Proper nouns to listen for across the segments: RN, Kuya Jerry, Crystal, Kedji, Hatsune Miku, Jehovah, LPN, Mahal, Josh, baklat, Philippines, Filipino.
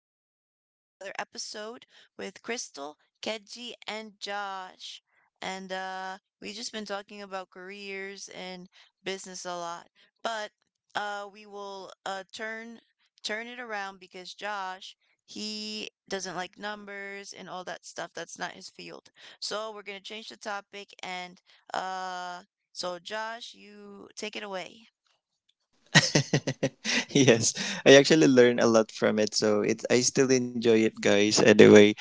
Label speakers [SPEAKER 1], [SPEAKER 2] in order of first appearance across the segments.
[SPEAKER 1] welcome to another episode with Crystal, Kedji, and Josh. And we've just been talking about careers and business a lot. But we will turn it around because Josh, he doesn't like numbers and all that stuff. That's not his field. So we're gonna change the topic and uh so Josh, you take it away.
[SPEAKER 2] Yes, I actually learn a lot from it, so it I still enjoy it, guys. Anyway,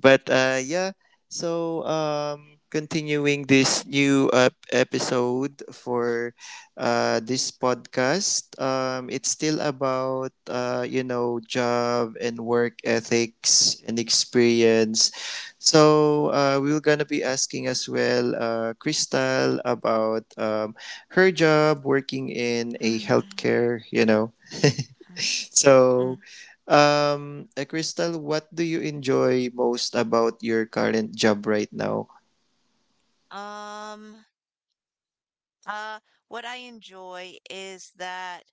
[SPEAKER 2] but uh, yeah, continuing this new episode for this podcast, it's still about, job and work ethics and experience. So we're going to be asking as well Crystal about her job working in a healthcare, you know. So,
[SPEAKER 1] Mm.
[SPEAKER 2] Crystal, what do you enjoy most about your current job right now?
[SPEAKER 1] Um, Uh, what I enjoy is that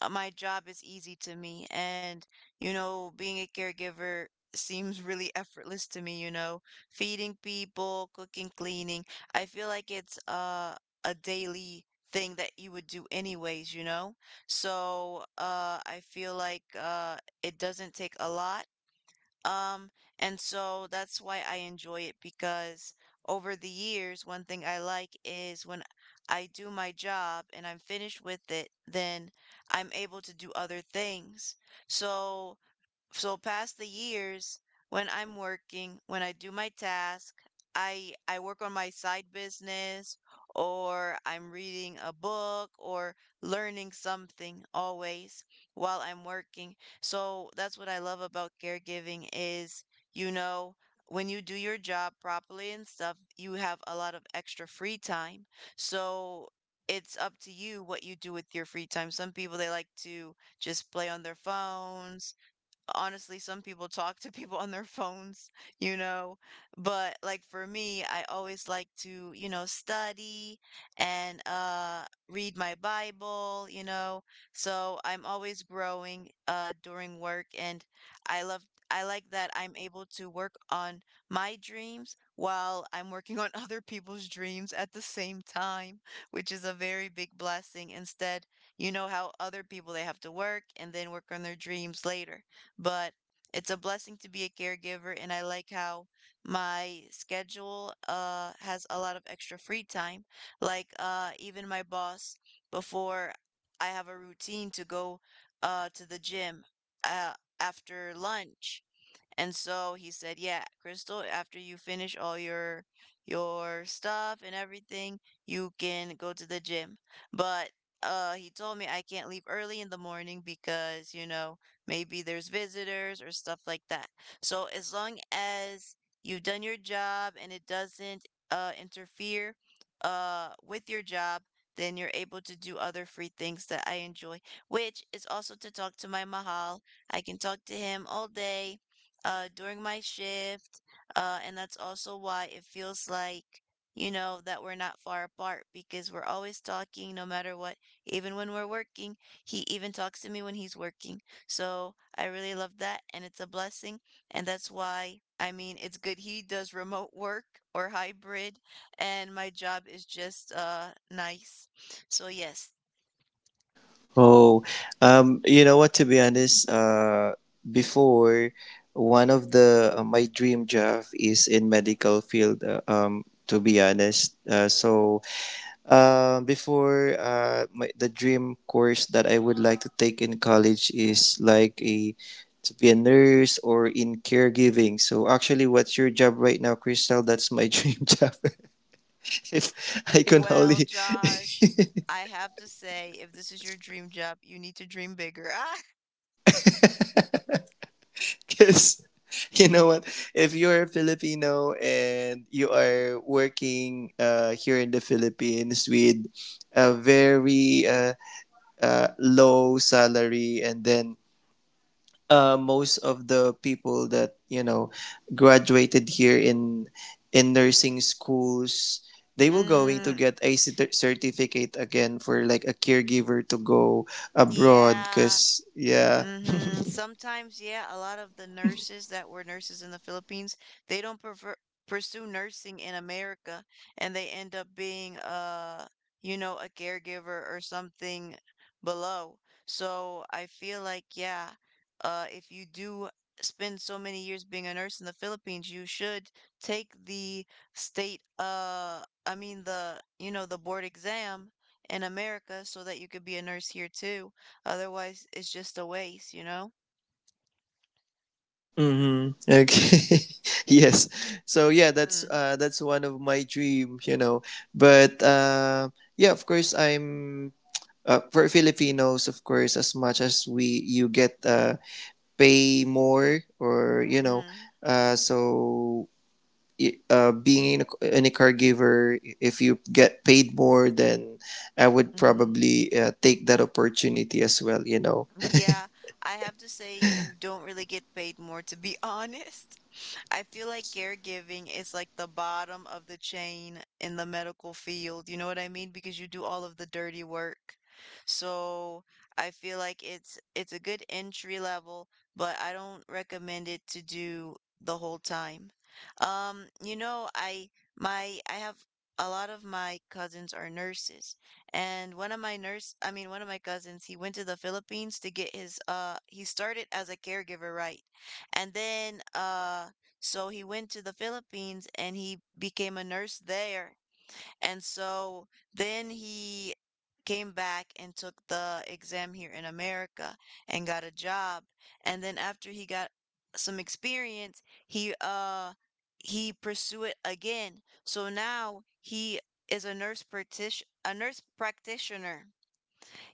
[SPEAKER 1] my job is easy to me, and you know, being a caregiver seems really effortless to me, feeding people, cooking, cleaning. I feel like it's a daily thing that you would do anyways, you know? So, I feel like it doesn't take a lot. Um, and so that's why I enjoy it because over the years, one thing I like is when I do my job and I'm finished with it, then I'm able to do other things. So past the years when I'm working, when I do my task, I work on my side business, or I'm reading a book or learning something, always while I'm working. So that's what I love about caregiving is, you know, when you do your job properly and stuff, you have a lot of extra free time. So it's up to you what you do with your free time. Some people, they like to just play on their phones. Honestly, some people talk to people on their phones you know But like for me, I always like to study and read my bible. So I'm always growing during work. And I love I like that I'm able to work on my dreams while I'm working on other people's dreams at the same time, which is a very big blessing. Instead, you know how other people, they have to work and then work on their dreams later. But it's a blessing to be a caregiver, and I like how my schedule has a lot of extra free time. Like even my boss before, I have a routine to go to the gym uh after lunch. And so he said, "Yeah, Crystal, after you finish all your stuff and everything, you can go to the gym." But he told me I can't leave early in the morning because, you know, maybe there's visitors or stuff like that. So as long as you've done your job and it doesn't interfere with your job, then you're able to do other free things that I enjoy, which is also to talk to my mahal. I can talk to him all day during my shift. And that's also why it feels like, you know, that we're not far apart because we're always talking no matter what. Even when we're working, he even talks to me when he's working. So I really love that. And it's a blessing. And that's why, I mean, it's good he does remote work or hybrid. And my job is just nice. So, yes.
[SPEAKER 2] Oh, you know what? To be honest, before one of the my dream job is in medical field. To be honest, so before my, the dream course that I would like to take in college is like a to be a nurse or in caregiving. So actually, what's your job right now, Crystal? That's my dream job. If I can
[SPEAKER 1] Well,
[SPEAKER 2] only,
[SPEAKER 1] Josh. I have to say, if this is your dream job, you need to dream bigger.
[SPEAKER 2] because you know what, if you're a Filipino and you are working here in the Philippines with a very low salary and then most of the people that you know graduated here in nursing schools they will going to
[SPEAKER 1] Mm,
[SPEAKER 2] get a certificate again for like a caregiver to go abroad
[SPEAKER 1] yeah.
[SPEAKER 2] because yeah.
[SPEAKER 1] Mhm. Sometimes, yeah, a lot of the nurses that were nurses in the Philippines, they don't prefer pursue nursing in America and they end up being you know, a caregiver or something below. So I feel like, yeah, if you do spend so many years being a nurse in the Philippines, you should take the state I mean the, you know, the board exam in America so that you could be a nurse here too. Otherwise, it's just a waste, you know?
[SPEAKER 2] Mm-hmm. Okay. Yes, so yeah,
[SPEAKER 1] Mm,
[SPEAKER 2] that's one of my dream, you know, but yeah, of course I'm for Filipinos, of course, as much as we you get pay more or you know,
[SPEAKER 1] mm,
[SPEAKER 2] so being in a caregiver, if you get paid more, then I would
[SPEAKER 1] mhm.
[SPEAKER 2] probably take that opportunity as well, you know.
[SPEAKER 1] Yeah, I have to say you don't really get paid more, to be honest. I feel like caregiving is like the bottom of the chain in the medical field. You know what I mean? Because you do all of the dirty work. So I feel like it's a good entry level, but I don't recommend it to do the whole time. You know, I have a lot of my cousins are nurses, and one of my nurse, I mean, one of my cousins, he went to the Philippines to get his he started as a caregiver, right? And then so he went to the Philippines and he became a nurse there. And so then he came back and took the exam here in America and got a job. And then after he got some experience, he pursued it again. So now he is a nurse practitioner, a nurse practitioner.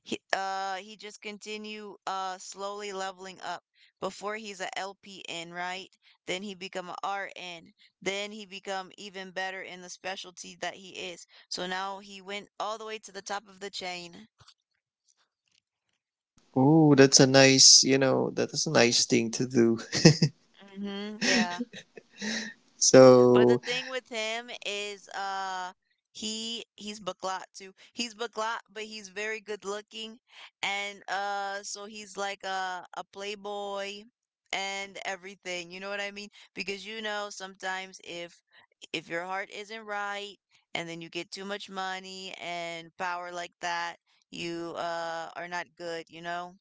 [SPEAKER 1] He just continue slowly leveling up. Before he's a LPN, right? Then he become a RN. Then he become even better in the specialty that he is. So now he went all the way to the top of the chain.
[SPEAKER 2] Oh, that's a nice, you know, that's a nice thing to do.
[SPEAKER 1] Mm-hmm. Yeah. But the
[SPEAKER 2] So,
[SPEAKER 1] thing with him is he's baklat too. He's baklat, but he's very good looking and so he's like a playboy and everything. You know what I mean? Because you know sometimes, if your heart isn't right and then you get too much money and power like that, you are not good, you know?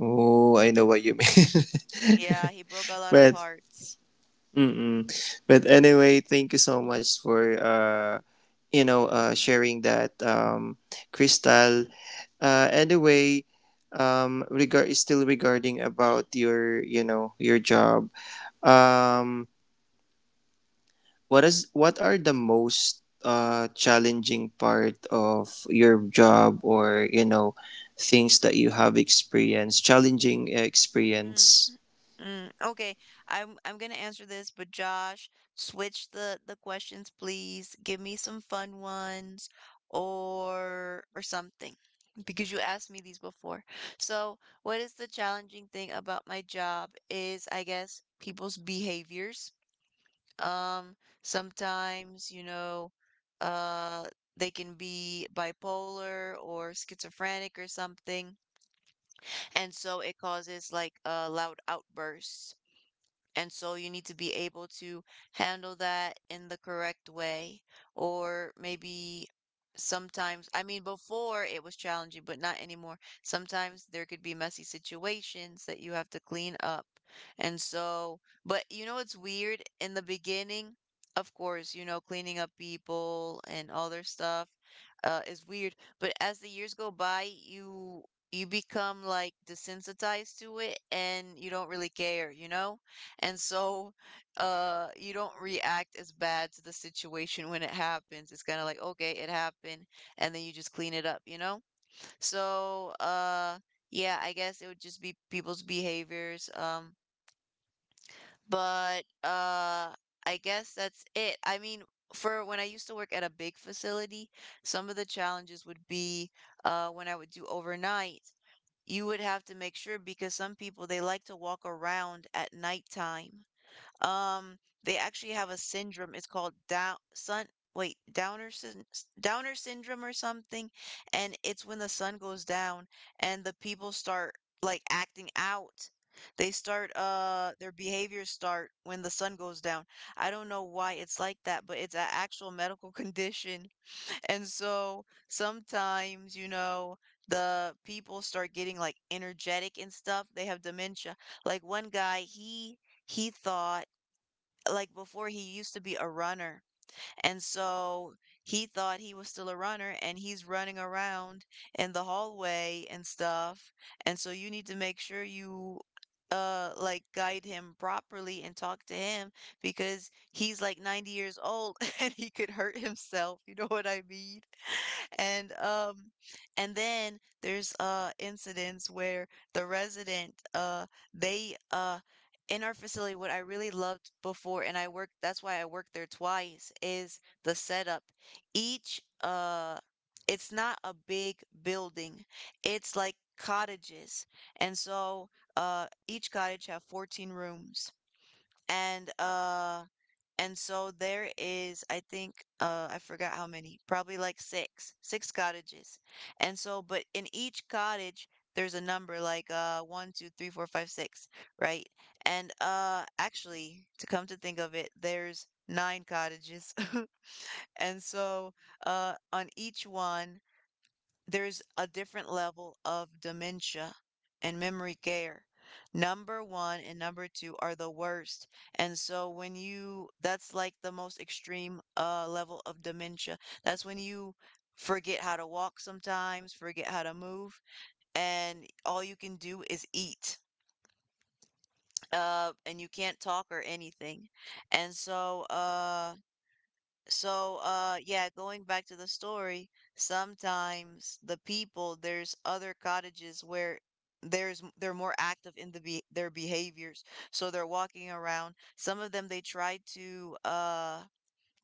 [SPEAKER 2] oh, I know what you mean.
[SPEAKER 1] Yeah, he broke a lot of
[SPEAKER 2] But
[SPEAKER 1] hearts.
[SPEAKER 2] mm-mm. But anyway, thank you so much for sharing that, Crystal. Anyway, regard still regarding about your, you know, your job. Um, what is what are the most challenging part of your job, or you know, things that you have experienced, challenging
[SPEAKER 1] Mm,
[SPEAKER 2] experience.
[SPEAKER 1] mm. Okay, I'm gonna answer this, but Josh, switch the questions, please. Give me some fun ones or something because you asked me these before. So, what is the challenging thing about my job is, I guess, people's behaviors. Um, Sometimes, you know, uh they can be bipolar or schizophrenic or something, and so it causes like loud outbursts, and so you need to be able to handle that in the correct way. Or maybe sometimes, I mean, before it was challenging, but not anymore. Sometimes there could be messy situations that you have to clean up. And so, but you know, it's weird in the beginning. Of course, you know, cleaning up people and all their stuff is weird. But as the years go by, you become like desensitized to it and you don't really care, you know? And so, you don't react as bad to the situation when it happens. It's kind of like, okay, it happened, and then you just clean it up, you know? So, yeah, I guess it would just be people's behaviors. But I guess that's it. I mean, for when I used to work at a big facility, some of the challenges would be when I would do overnight, you would have to make sure because some people, they like to walk around at nighttime. Um, they actually have a syndrome. It's called down sun. Wait, Downer syndrome or something, and it's when the sun goes down and the people start like acting out. They start their behaviors start when the sun goes down. I don't know why it's like that, but it's an actual medical condition. And so sometimes, you know, the people start getting like energetic and stuff. They have dementia. Like one guy, he thought, like, before he used to be a runner, and so he thought he was still a runner and he's running around in the hallway and stuff. And so you need to make sure you like guide him properly and talk to him because he's like 90 years old and he could hurt himself, you know what I mean? and um and then there's incidents where the resident they in our facility, what I really loved before, and I worked, that's why I worked there twice, is the setup. Each, uh, it's not a big building, it's like cottages. And so, each cottage have 14 rooms. And, uh, and so there is, I think, I forgot how many, probably like six cottages. And so, but in each cottage, there's a number like one, two, three, four, five, six, right? And actually, to come to think of it, there's nine cottages. And so, on each one, there's a different level of dementia and memory care. Number one and number two are the worst. And so when you, that's like the most extreme level of dementia. That's when you forget how to walk sometimes, forget how to move, and all you can do is eat. And you can't talk or anything. And so, uh, yeah, going back to the story, sometimes the people, there's other cottages where they're more active in their behaviors. So they're walking around. Some of them, they try to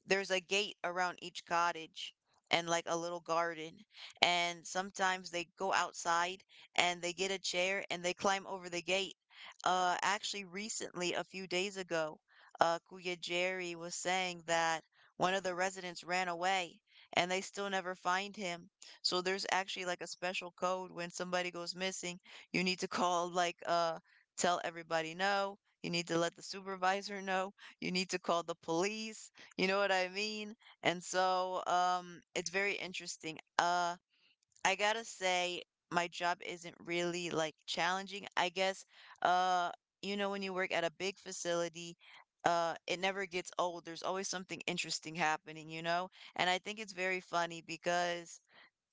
[SPEAKER 1] there's a gate around each cottage and like a little garden. And sometimes they go outside and they get a chair and they climb over the gate. Actually, recently, a few days ago, Kuya Jerry was saying that one of the residents ran away and they still never find him. So there's actually like a special code when somebody goes missing. You need to call, like, tell everybody no. You need to let the supervisor know. You need to call the police, you know what I mean? And so, it's very interesting. I gotta say, my job isn't really like challenging. I guess, uh, you know, when you work at a big facility, it never gets old. There's always something interesting happening, you know? And I think it's very funny because,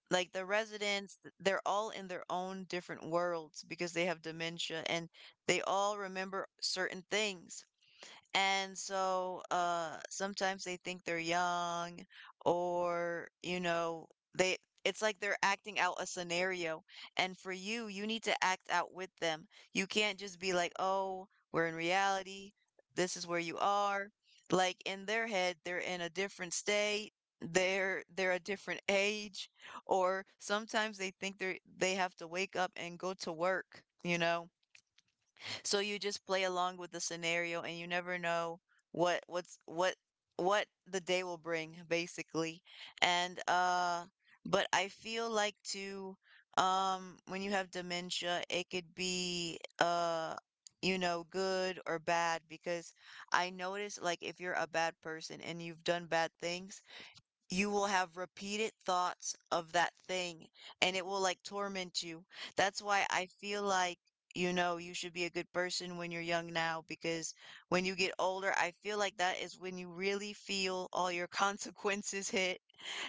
[SPEAKER 1] like, the residents, they're all in their own different worlds because they have dementia and they all remember certain things. And so sometimes they think they're young or you know they it's like they're acting out a scenario, and for you need to act out with them. You can't just be like, "Oh, we're in reality. This is where you are." Like in their head, they're in a different state. They're a different age, or sometimes they think they have to wake up and go to work, you know? So you just play along with the scenario and you never know what what the day will bring basically. And But I feel like too, when you have dementia, it could be you know good or bad because I notice like if you're a bad person and you've done bad things, you will have repeated thoughts of that thing and it will like torment you. That's why I feel like, you know, you should be a good person when you're young now, because when you get older, I feel like that is when you really feel all your consequences hit.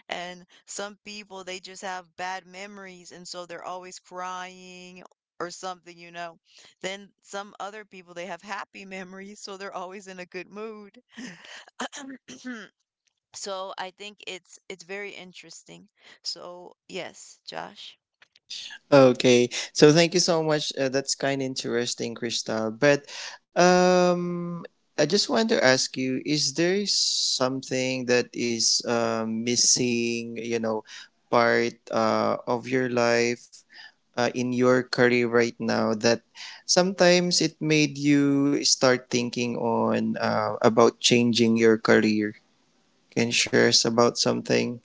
[SPEAKER 1] And some people, they just have bad memories and so they're always crying. Or something, you know. Then some other people, they have happy memories, so they're always in a good mood. So I think it's very interesting. So yes, Josh.
[SPEAKER 2] Okay, so thank you so much. That's kind of interesting, Crystal. But um, I just want to ask you: is there something that is missing? You know, part of your life in your career right now that sometimes it made you start thinking on about changing your career. Can you share us about something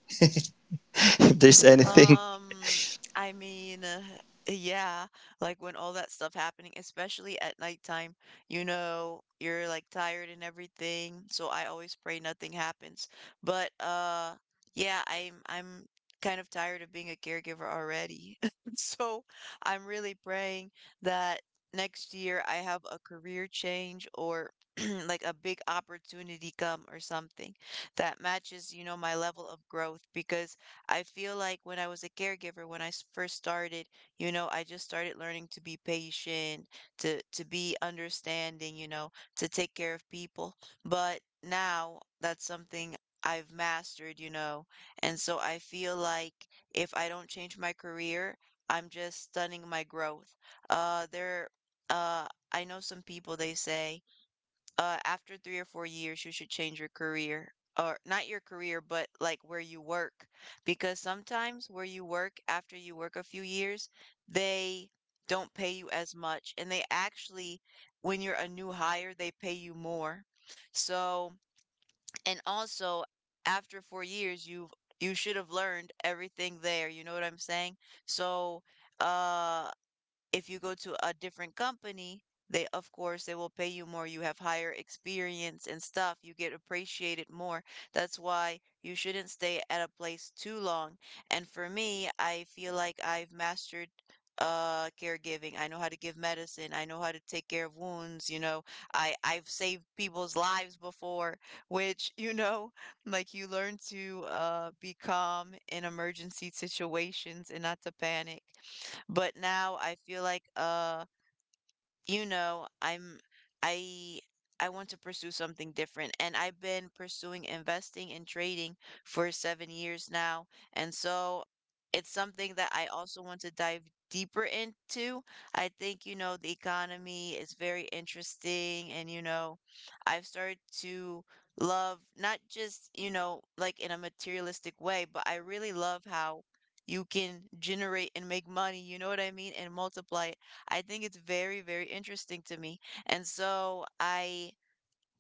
[SPEAKER 2] if there's anything?
[SPEAKER 1] Um, I mean, yeah, like when all that stuff happening, especially at nighttime, you know, you're like tired and everything. So I always pray nothing happens. But Yeah, I'm kind of tired of being a caregiver already. So I'm really praying that next year I have a career change or like a big opportunity come or something that matches, you know, my level of growth. Because I feel like when I was a caregiver, when I first started, you know, I just started learning to be patient, to be understanding, you know, to take care of people. But now that's something I've mastered, you know. And so I feel like if I don't change my career, I'm just stunning my growth. There uh I know some people they say, after 3 or 4 years, you should change your career, or not your career, but like where you work. Because sometimes where you work, after you work a few years, they don't pay you as much. And they actually, when you're a new hire, they pay you more. So, and also after 4 years, you should have learned everything there. You know what I'm saying? So, uh, if you go to a different company, they of course they will pay you more. You have higher experience and stuff. You get appreciated more. That's why you shouldn't stay at a place too long. And for me, I feel like I've mastered caregiving. I know how to give medicine. I know how to take care of wounds, you know. I've saved people's lives before, which, you know, like you learn to be calm in emergency situations and not to panic. But now I feel like, you know, I I want to pursue something different, and I've been pursuing investing and trading for 7 years now. And so it's something that I also want to dive deeper into. I think, you know, the economy is very interesting, and you know, I've started to love not just, you know, like in a materialistic way, but I really love how you can generate and make money, you know what I mean, and multiply. I think it's very, very interesting to me. And so I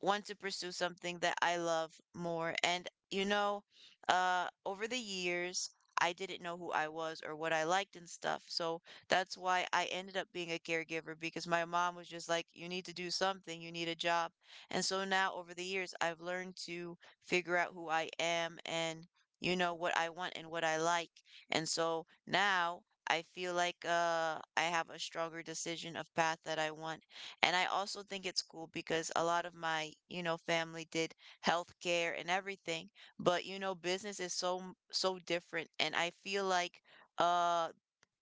[SPEAKER 1] want to pursue something that I love more. And, you know, over the years, I didn't know who I was or what I liked and stuff. So that's why I ended up being a caregiver, because my mom was just like, you need to do something, you need a job. And so now over the years, I've learned to figure out who I am and, you know, what I want and what I like. And so now I feel like, I have a stronger decision of path that I want. And I also think it's cool because a lot of my, you know, family did healthcare and everything, but you know, business is so so different, and I feel like uh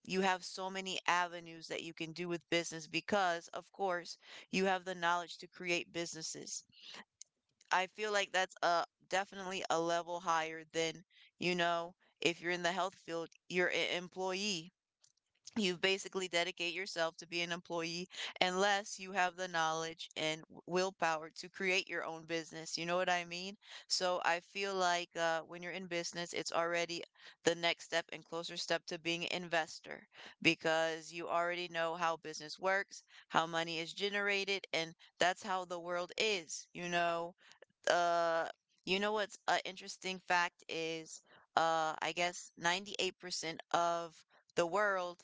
[SPEAKER 1] you have so many avenues that you can do with business, because of course you have the knowledge to create businesses. I feel like that's a definitely a level higher than, you know, if you're in the health field, you're an employee, you basically dedicate yourself to be an employee unless you have the knowledge and willpower to create your own business. You know what I mean? So I feel like, when you're in business, it's already the next step and closer step to being an investor, because you already know how business works, how money is generated, and that's how the world is. Uh, you know what's an interesting fact is, I guess 98% of the world,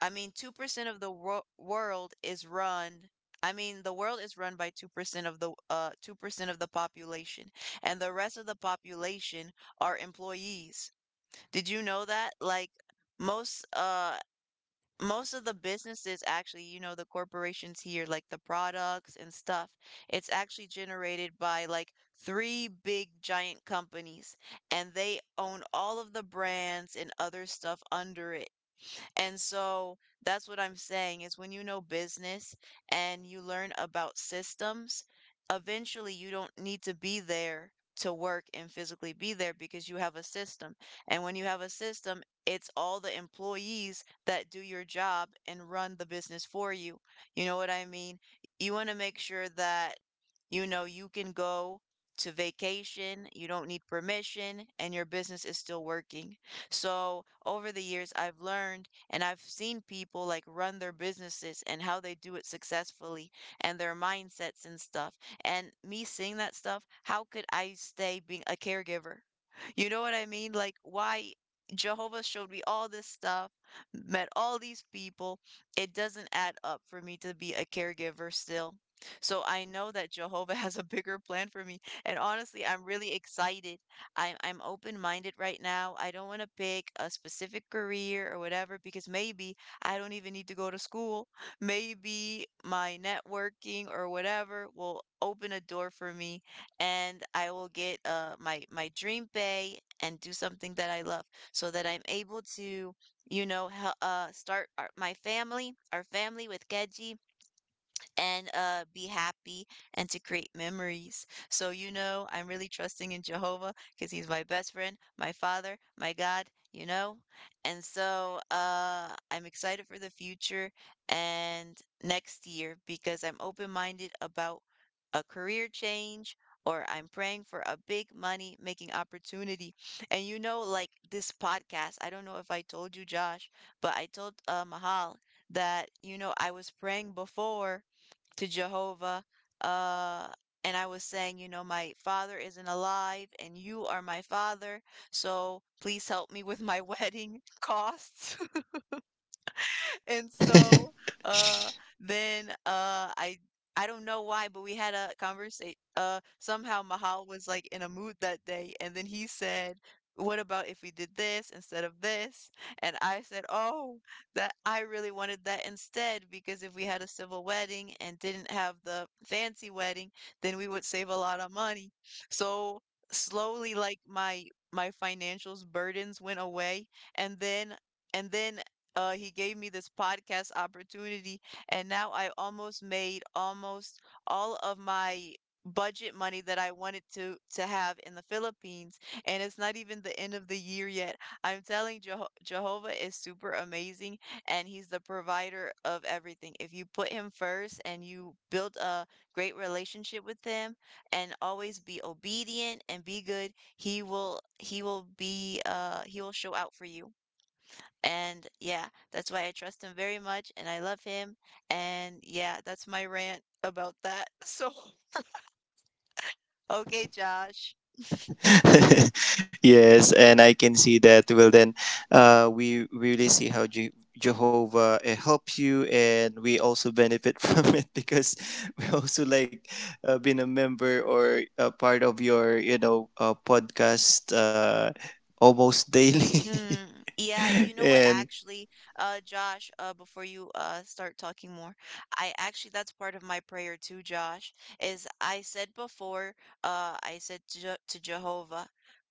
[SPEAKER 1] I mean, 2% of the world is run. I mean, the world is run by 2% of the 2% of the population, and the rest of the population are employees. Did you know that? Like most uh most of the businesses actually, you know, the corporations here, like the products and stuff, it's actually generated by like three big giant companies, and they own all of the brands and other stuff under it. And so that's what I'm saying is when you know business and you learn about systems, eventually you don't need to be there to work and physically be there because you have a system. And when you have a system, it's all the employees that do your job and run the business for you. You know what I mean? You want to make sure that you know you can go to vacation, you don't need permission, and your business is still working. So, over the years, I've learned and I've seen people like run their businesses and how they do it successfully and their mindsets and stuff. And me seeing that stuff, how could I stay being a caregiver? You know what I mean? Like, why Jehovah showed me all this stuff, met all these people. It doesn't add up for me to be a caregiver still. So I know that Jehovah has a bigger plan for me. And honestly, I'm really excited. I'm open-minded right now. I don't want to pick a specific career or whatever because maybe I don't even need to go to school. Maybe my networking or whatever will open a door for me and I will get my dream pay and do something that I love, so that I'm able to you know, start our, my family, our family with Keji and be happy and to create memories. So, you know, I'm really trusting in Jehovah because he's my best friend, my father, my God, you know? And so I'm excited for the future and next year, because I'm open minded about a career change or I'm praying for a big money making opportunity. And you know, like this podcast, I don't know if I told you, Josh, but I told Mahal that, you know, I was praying before to Jehovah. Uh, and I was saying, you know, my father isn't alive and you are my father. So please help me with my wedding costs. And so, uh, then, I don't know why, but we had a conversation. Somehow Mahal was like in a mood that day, and then he said, "What about if we did this instead of this?" And I said, "Oh, that I really wanted that instead, because if we had a civil wedding and didn't have the fancy wedding, then we would save a lot of money." So slowly, like my financials burdens went away, and then and then he gave me this podcast opportunity, and now I almost made almost all of my budget money that I wanted to have in the Philippines, and it's not even the end of the year yet. I'm telling Jehovah is super amazing, and he's the provider of everything. If you put him first and you build a great relationship with him, and always be obedient and be good, he will be he will show out for you. And yeah, that's why I trust him very much and I love him. And yeah, that's my rant about that. So, okay, Josh.
[SPEAKER 2] Yes, and I can see that. Well, then, we really see how Jehovah helps you, and we also benefit from it because we also like been a member or a part of your, you know, podcast almost daily.
[SPEAKER 1] Mm, yeah, you know what,
[SPEAKER 2] And
[SPEAKER 1] actually, Josh, before you start talking more, I actually that's part of my prayer too, Josh, is I said before, I said to, to Jehovah,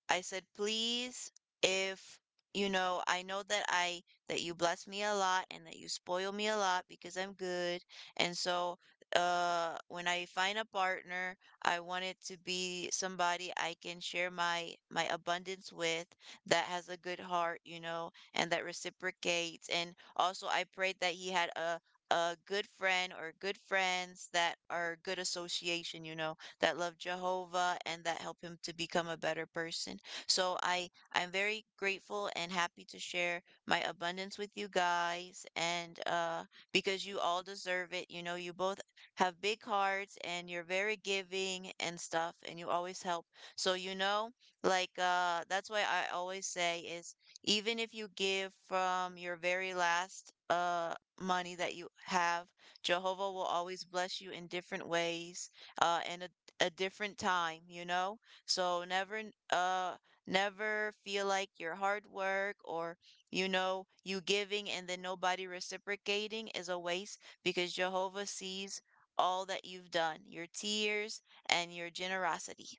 [SPEAKER 1] I said, please, if you know, I know that you bless me a lot and that you spoil me a lot because I'm good, and so when I find a partner, I want it to be somebody I can share my abundance with, that has a good heart, you know, and that reciprocates. And also, I prayed that he had a good friend or good friends that are good association, you know, that love Jehovah and that help him to become a better person. So I'm very grateful and happy to share my abundance with you guys, and because you all deserve it. You know, you both have big hearts and you're very giving and stuff and you always help. So you know, like, that's why I always say is, even if you give from your very last money that you have, Jehovah will always bless you in different ways, uh, and a, a different time, you know? So never feel like your hard work, or, you know, you giving and then nobody reciprocating, is a waste, because Jehovah sees all that you've done, your tears and your generosity.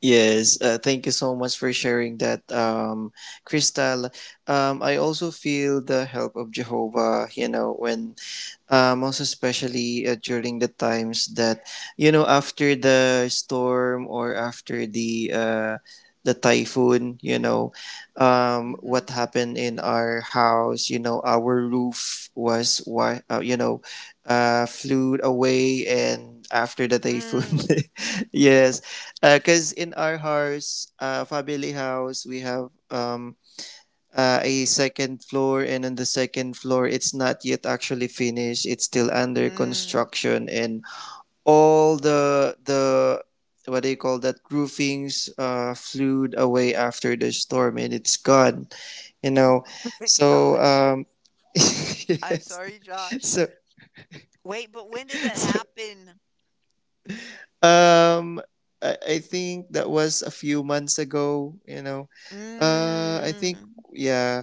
[SPEAKER 2] yes, thank you so much for sharing that, Crystal. I also feel the help of Jehovah. You know when most especially during the times that you know after the storm or after the typhoon, you know,
[SPEAKER 1] Mhm.
[SPEAKER 2] what happened in our house, you know, our roof was why, flew away and after the typhoon.
[SPEAKER 1] Mm,
[SPEAKER 2] Yes, because in our house, family house, we have a second floor, and on the second floor it's not yet actually finished, it's still under
[SPEAKER 1] mm.
[SPEAKER 2] construction, and all the what do you call that roofings flew away after the storm and it's gone, you know. So
[SPEAKER 1] Gosh. I'm
[SPEAKER 2] yes
[SPEAKER 1] sorry, Josh.
[SPEAKER 2] so
[SPEAKER 1] Wait, but when did that
[SPEAKER 2] so
[SPEAKER 1] happen?
[SPEAKER 2] Um, I I, think that was a few months ago. You know, I think,
[SPEAKER 1] Mm.
[SPEAKER 2] yeah,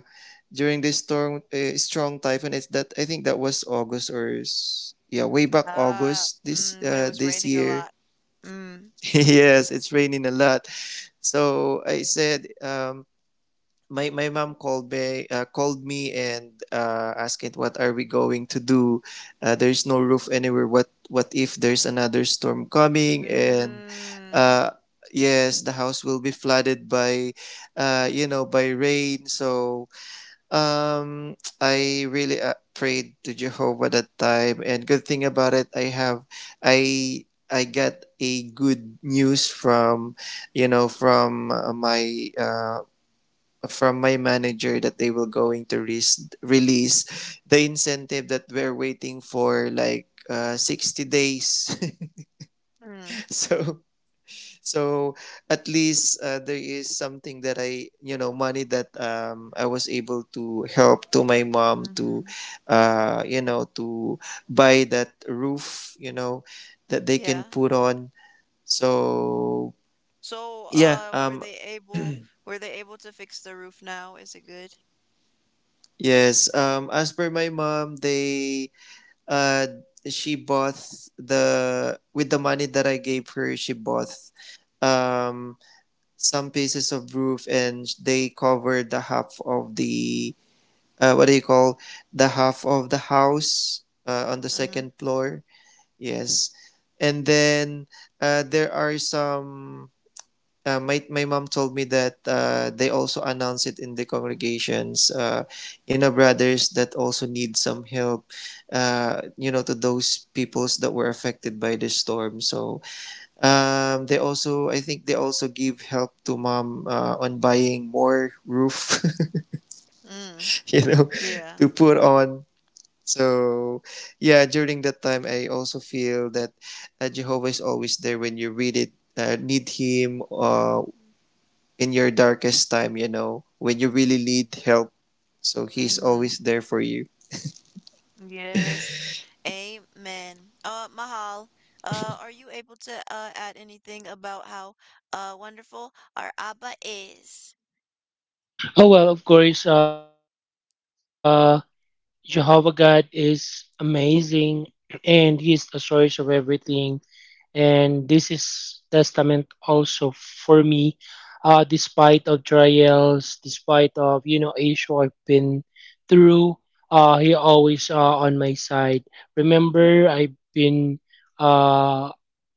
[SPEAKER 2] during this storm, strong typhoon. It's that I think that was August or yeah, way back
[SPEAKER 1] Uh,
[SPEAKER 2] August this
[SPEAKER 1] when it was
[SPEAKER 2] this
[SPEAKER 1] raining a
[SPEAKER 2] year.
[SPEAKER 1] lot. Mm.
[SPEAKER 2] Yes, it's raining a lot. So I said my mom called me, called me, and asking what are we going to do. There's no roof anywhere, what if there's another storm coming, and
[SPEAKER 1] Mm.
[SPEAKER 2] uh, yes, the house will be flooded by you know, by rain. So I really prayed to Jehovah that time, and good thing about it, I I got a good news from, you know, from my from my manager that they will going to release the incentive that we're waiting for like 60 days.
[SPEAKER 1] Mm.
[SPEAKER 2] So so at least there is something that I, you know, money that I was able to help to my mom to,
[SPEAKER 1] Mm-hmm.
[SPEAKER 2] to buy that roof, you know, that they can
[SPEAKER 1] Yeah.
[SPEAKER 2] put on. So
[SPEAKER 1] So,
[SPEAKER 2] yeah.
[SPEAKER 1] were they able to fix the roof now? Is it good?
[SPEAKER 2] Yes, as per my mom they, uh, she bought the with the money that I gave her. She bought um, some pieces of roof, and they covered the half of the, what do you call, the half of the house on the
[SPEAKER 1] Mm-hmm.
[SPEAKER 2] second floor. Yes, and then there are some, my mom told me that they also announce it in the congregations, in our brothers that also need some help, you know, to those peoples that were affected by the storm. So they also, I think they also give help to mom on buying more roof
[SPEAKER 1] Mm.
[SPEAKER 2] you know
[SPEAKER 1] Yeah.
[SPEAKER 2] to put on. So yeah, during that time I also feel that Jehovah is always there when you read it need him, in your darkest time, you know, when you really need help. So he's
[SPEAKER 1] Mm-hmm.
[SPEAKER 2] always there for you.
[SPEAKER 1] Yes. Amen. Mahal, are you able to add anything about how wonderful our Abba is?
[SPEAKER 3] Oh well, of course, Jehovah God is amazing, and He is the source of everything. And this is testament also for me, despite of trials, despite of issue I've been through. He always on my side. Remember, I've been uh,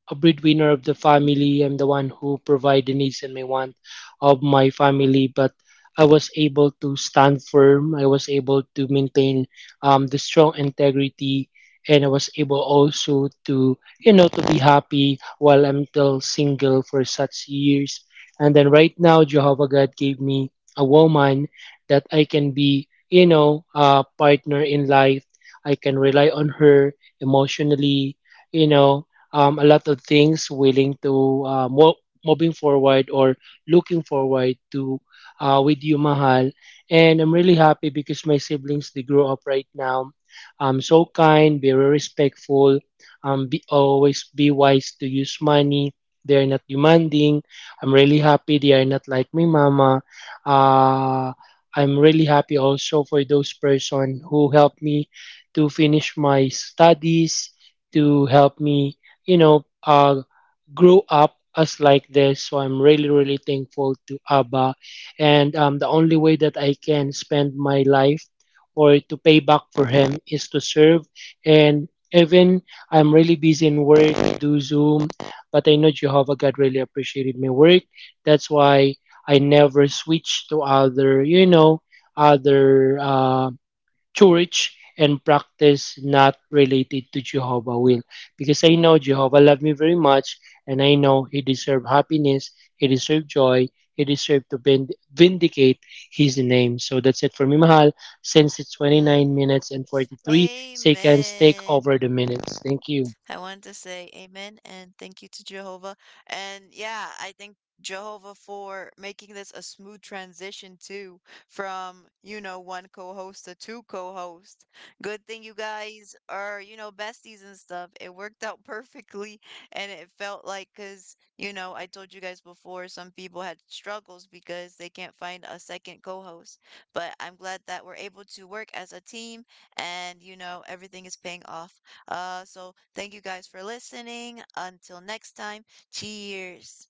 [SPEAKER 3] a breadwinner of the family. I'm the one who provide the needs and my want of my family. But I was able to stand firm. I was able to maintain the strong integrity, and I was able also to to be happy while I'm still single for such years. And then right now, Jehovah God gave me a woman that I can be a partner in life. I can rely on her emotionally, you know a lot of things willing to moving forward or looking forward to with you mahal. And I'm really happy because my siblings, they grow up right now, so kind, very respectful, always be wise to use money. They are not demanding. I'm really happy they are not like my mama. uh, I'm really happy also for those person who helped me to finish my studies, to help me, you know, uh, grew up us like this. So I'm really, really thankful to ABBA. And the only way that I can spend my life or to pay back for him is to serve. And even I'm really busy in work, do Zoom, but I know Jehovah God really appreciated my work. That's why I never switch to other, other church and practice not related to Jehovah will, because I know Jehovah loved me very much, and I know He deserved happiness, He deserved joy, He deserved to vindicate His name. So that's it for me, mahal. Since it's
[SPEAKER 1] Mm.
[SPEAKER 3] 29 minutes and 43 seconds, take
[SPEAKER 1] Amen.
[SPEAKER 3] over the minutes. Thank you.
[SPEAKER 1] I wanted to say amen and thank you to Jehovah. And yeah, I thank Jehovah for making this a smooth transition too, from, you know, one co-host to two co-host. Good thing you guys are, you know, besties and stuff. It worked out perfectly, and it felt like cuz, you know, I told you guys before some people had struggles because they can't find a second co-host. But I'm glad that we're able to work as a team and, you know, everything is paying off. So thank you guys for listening. Until next time, cheers.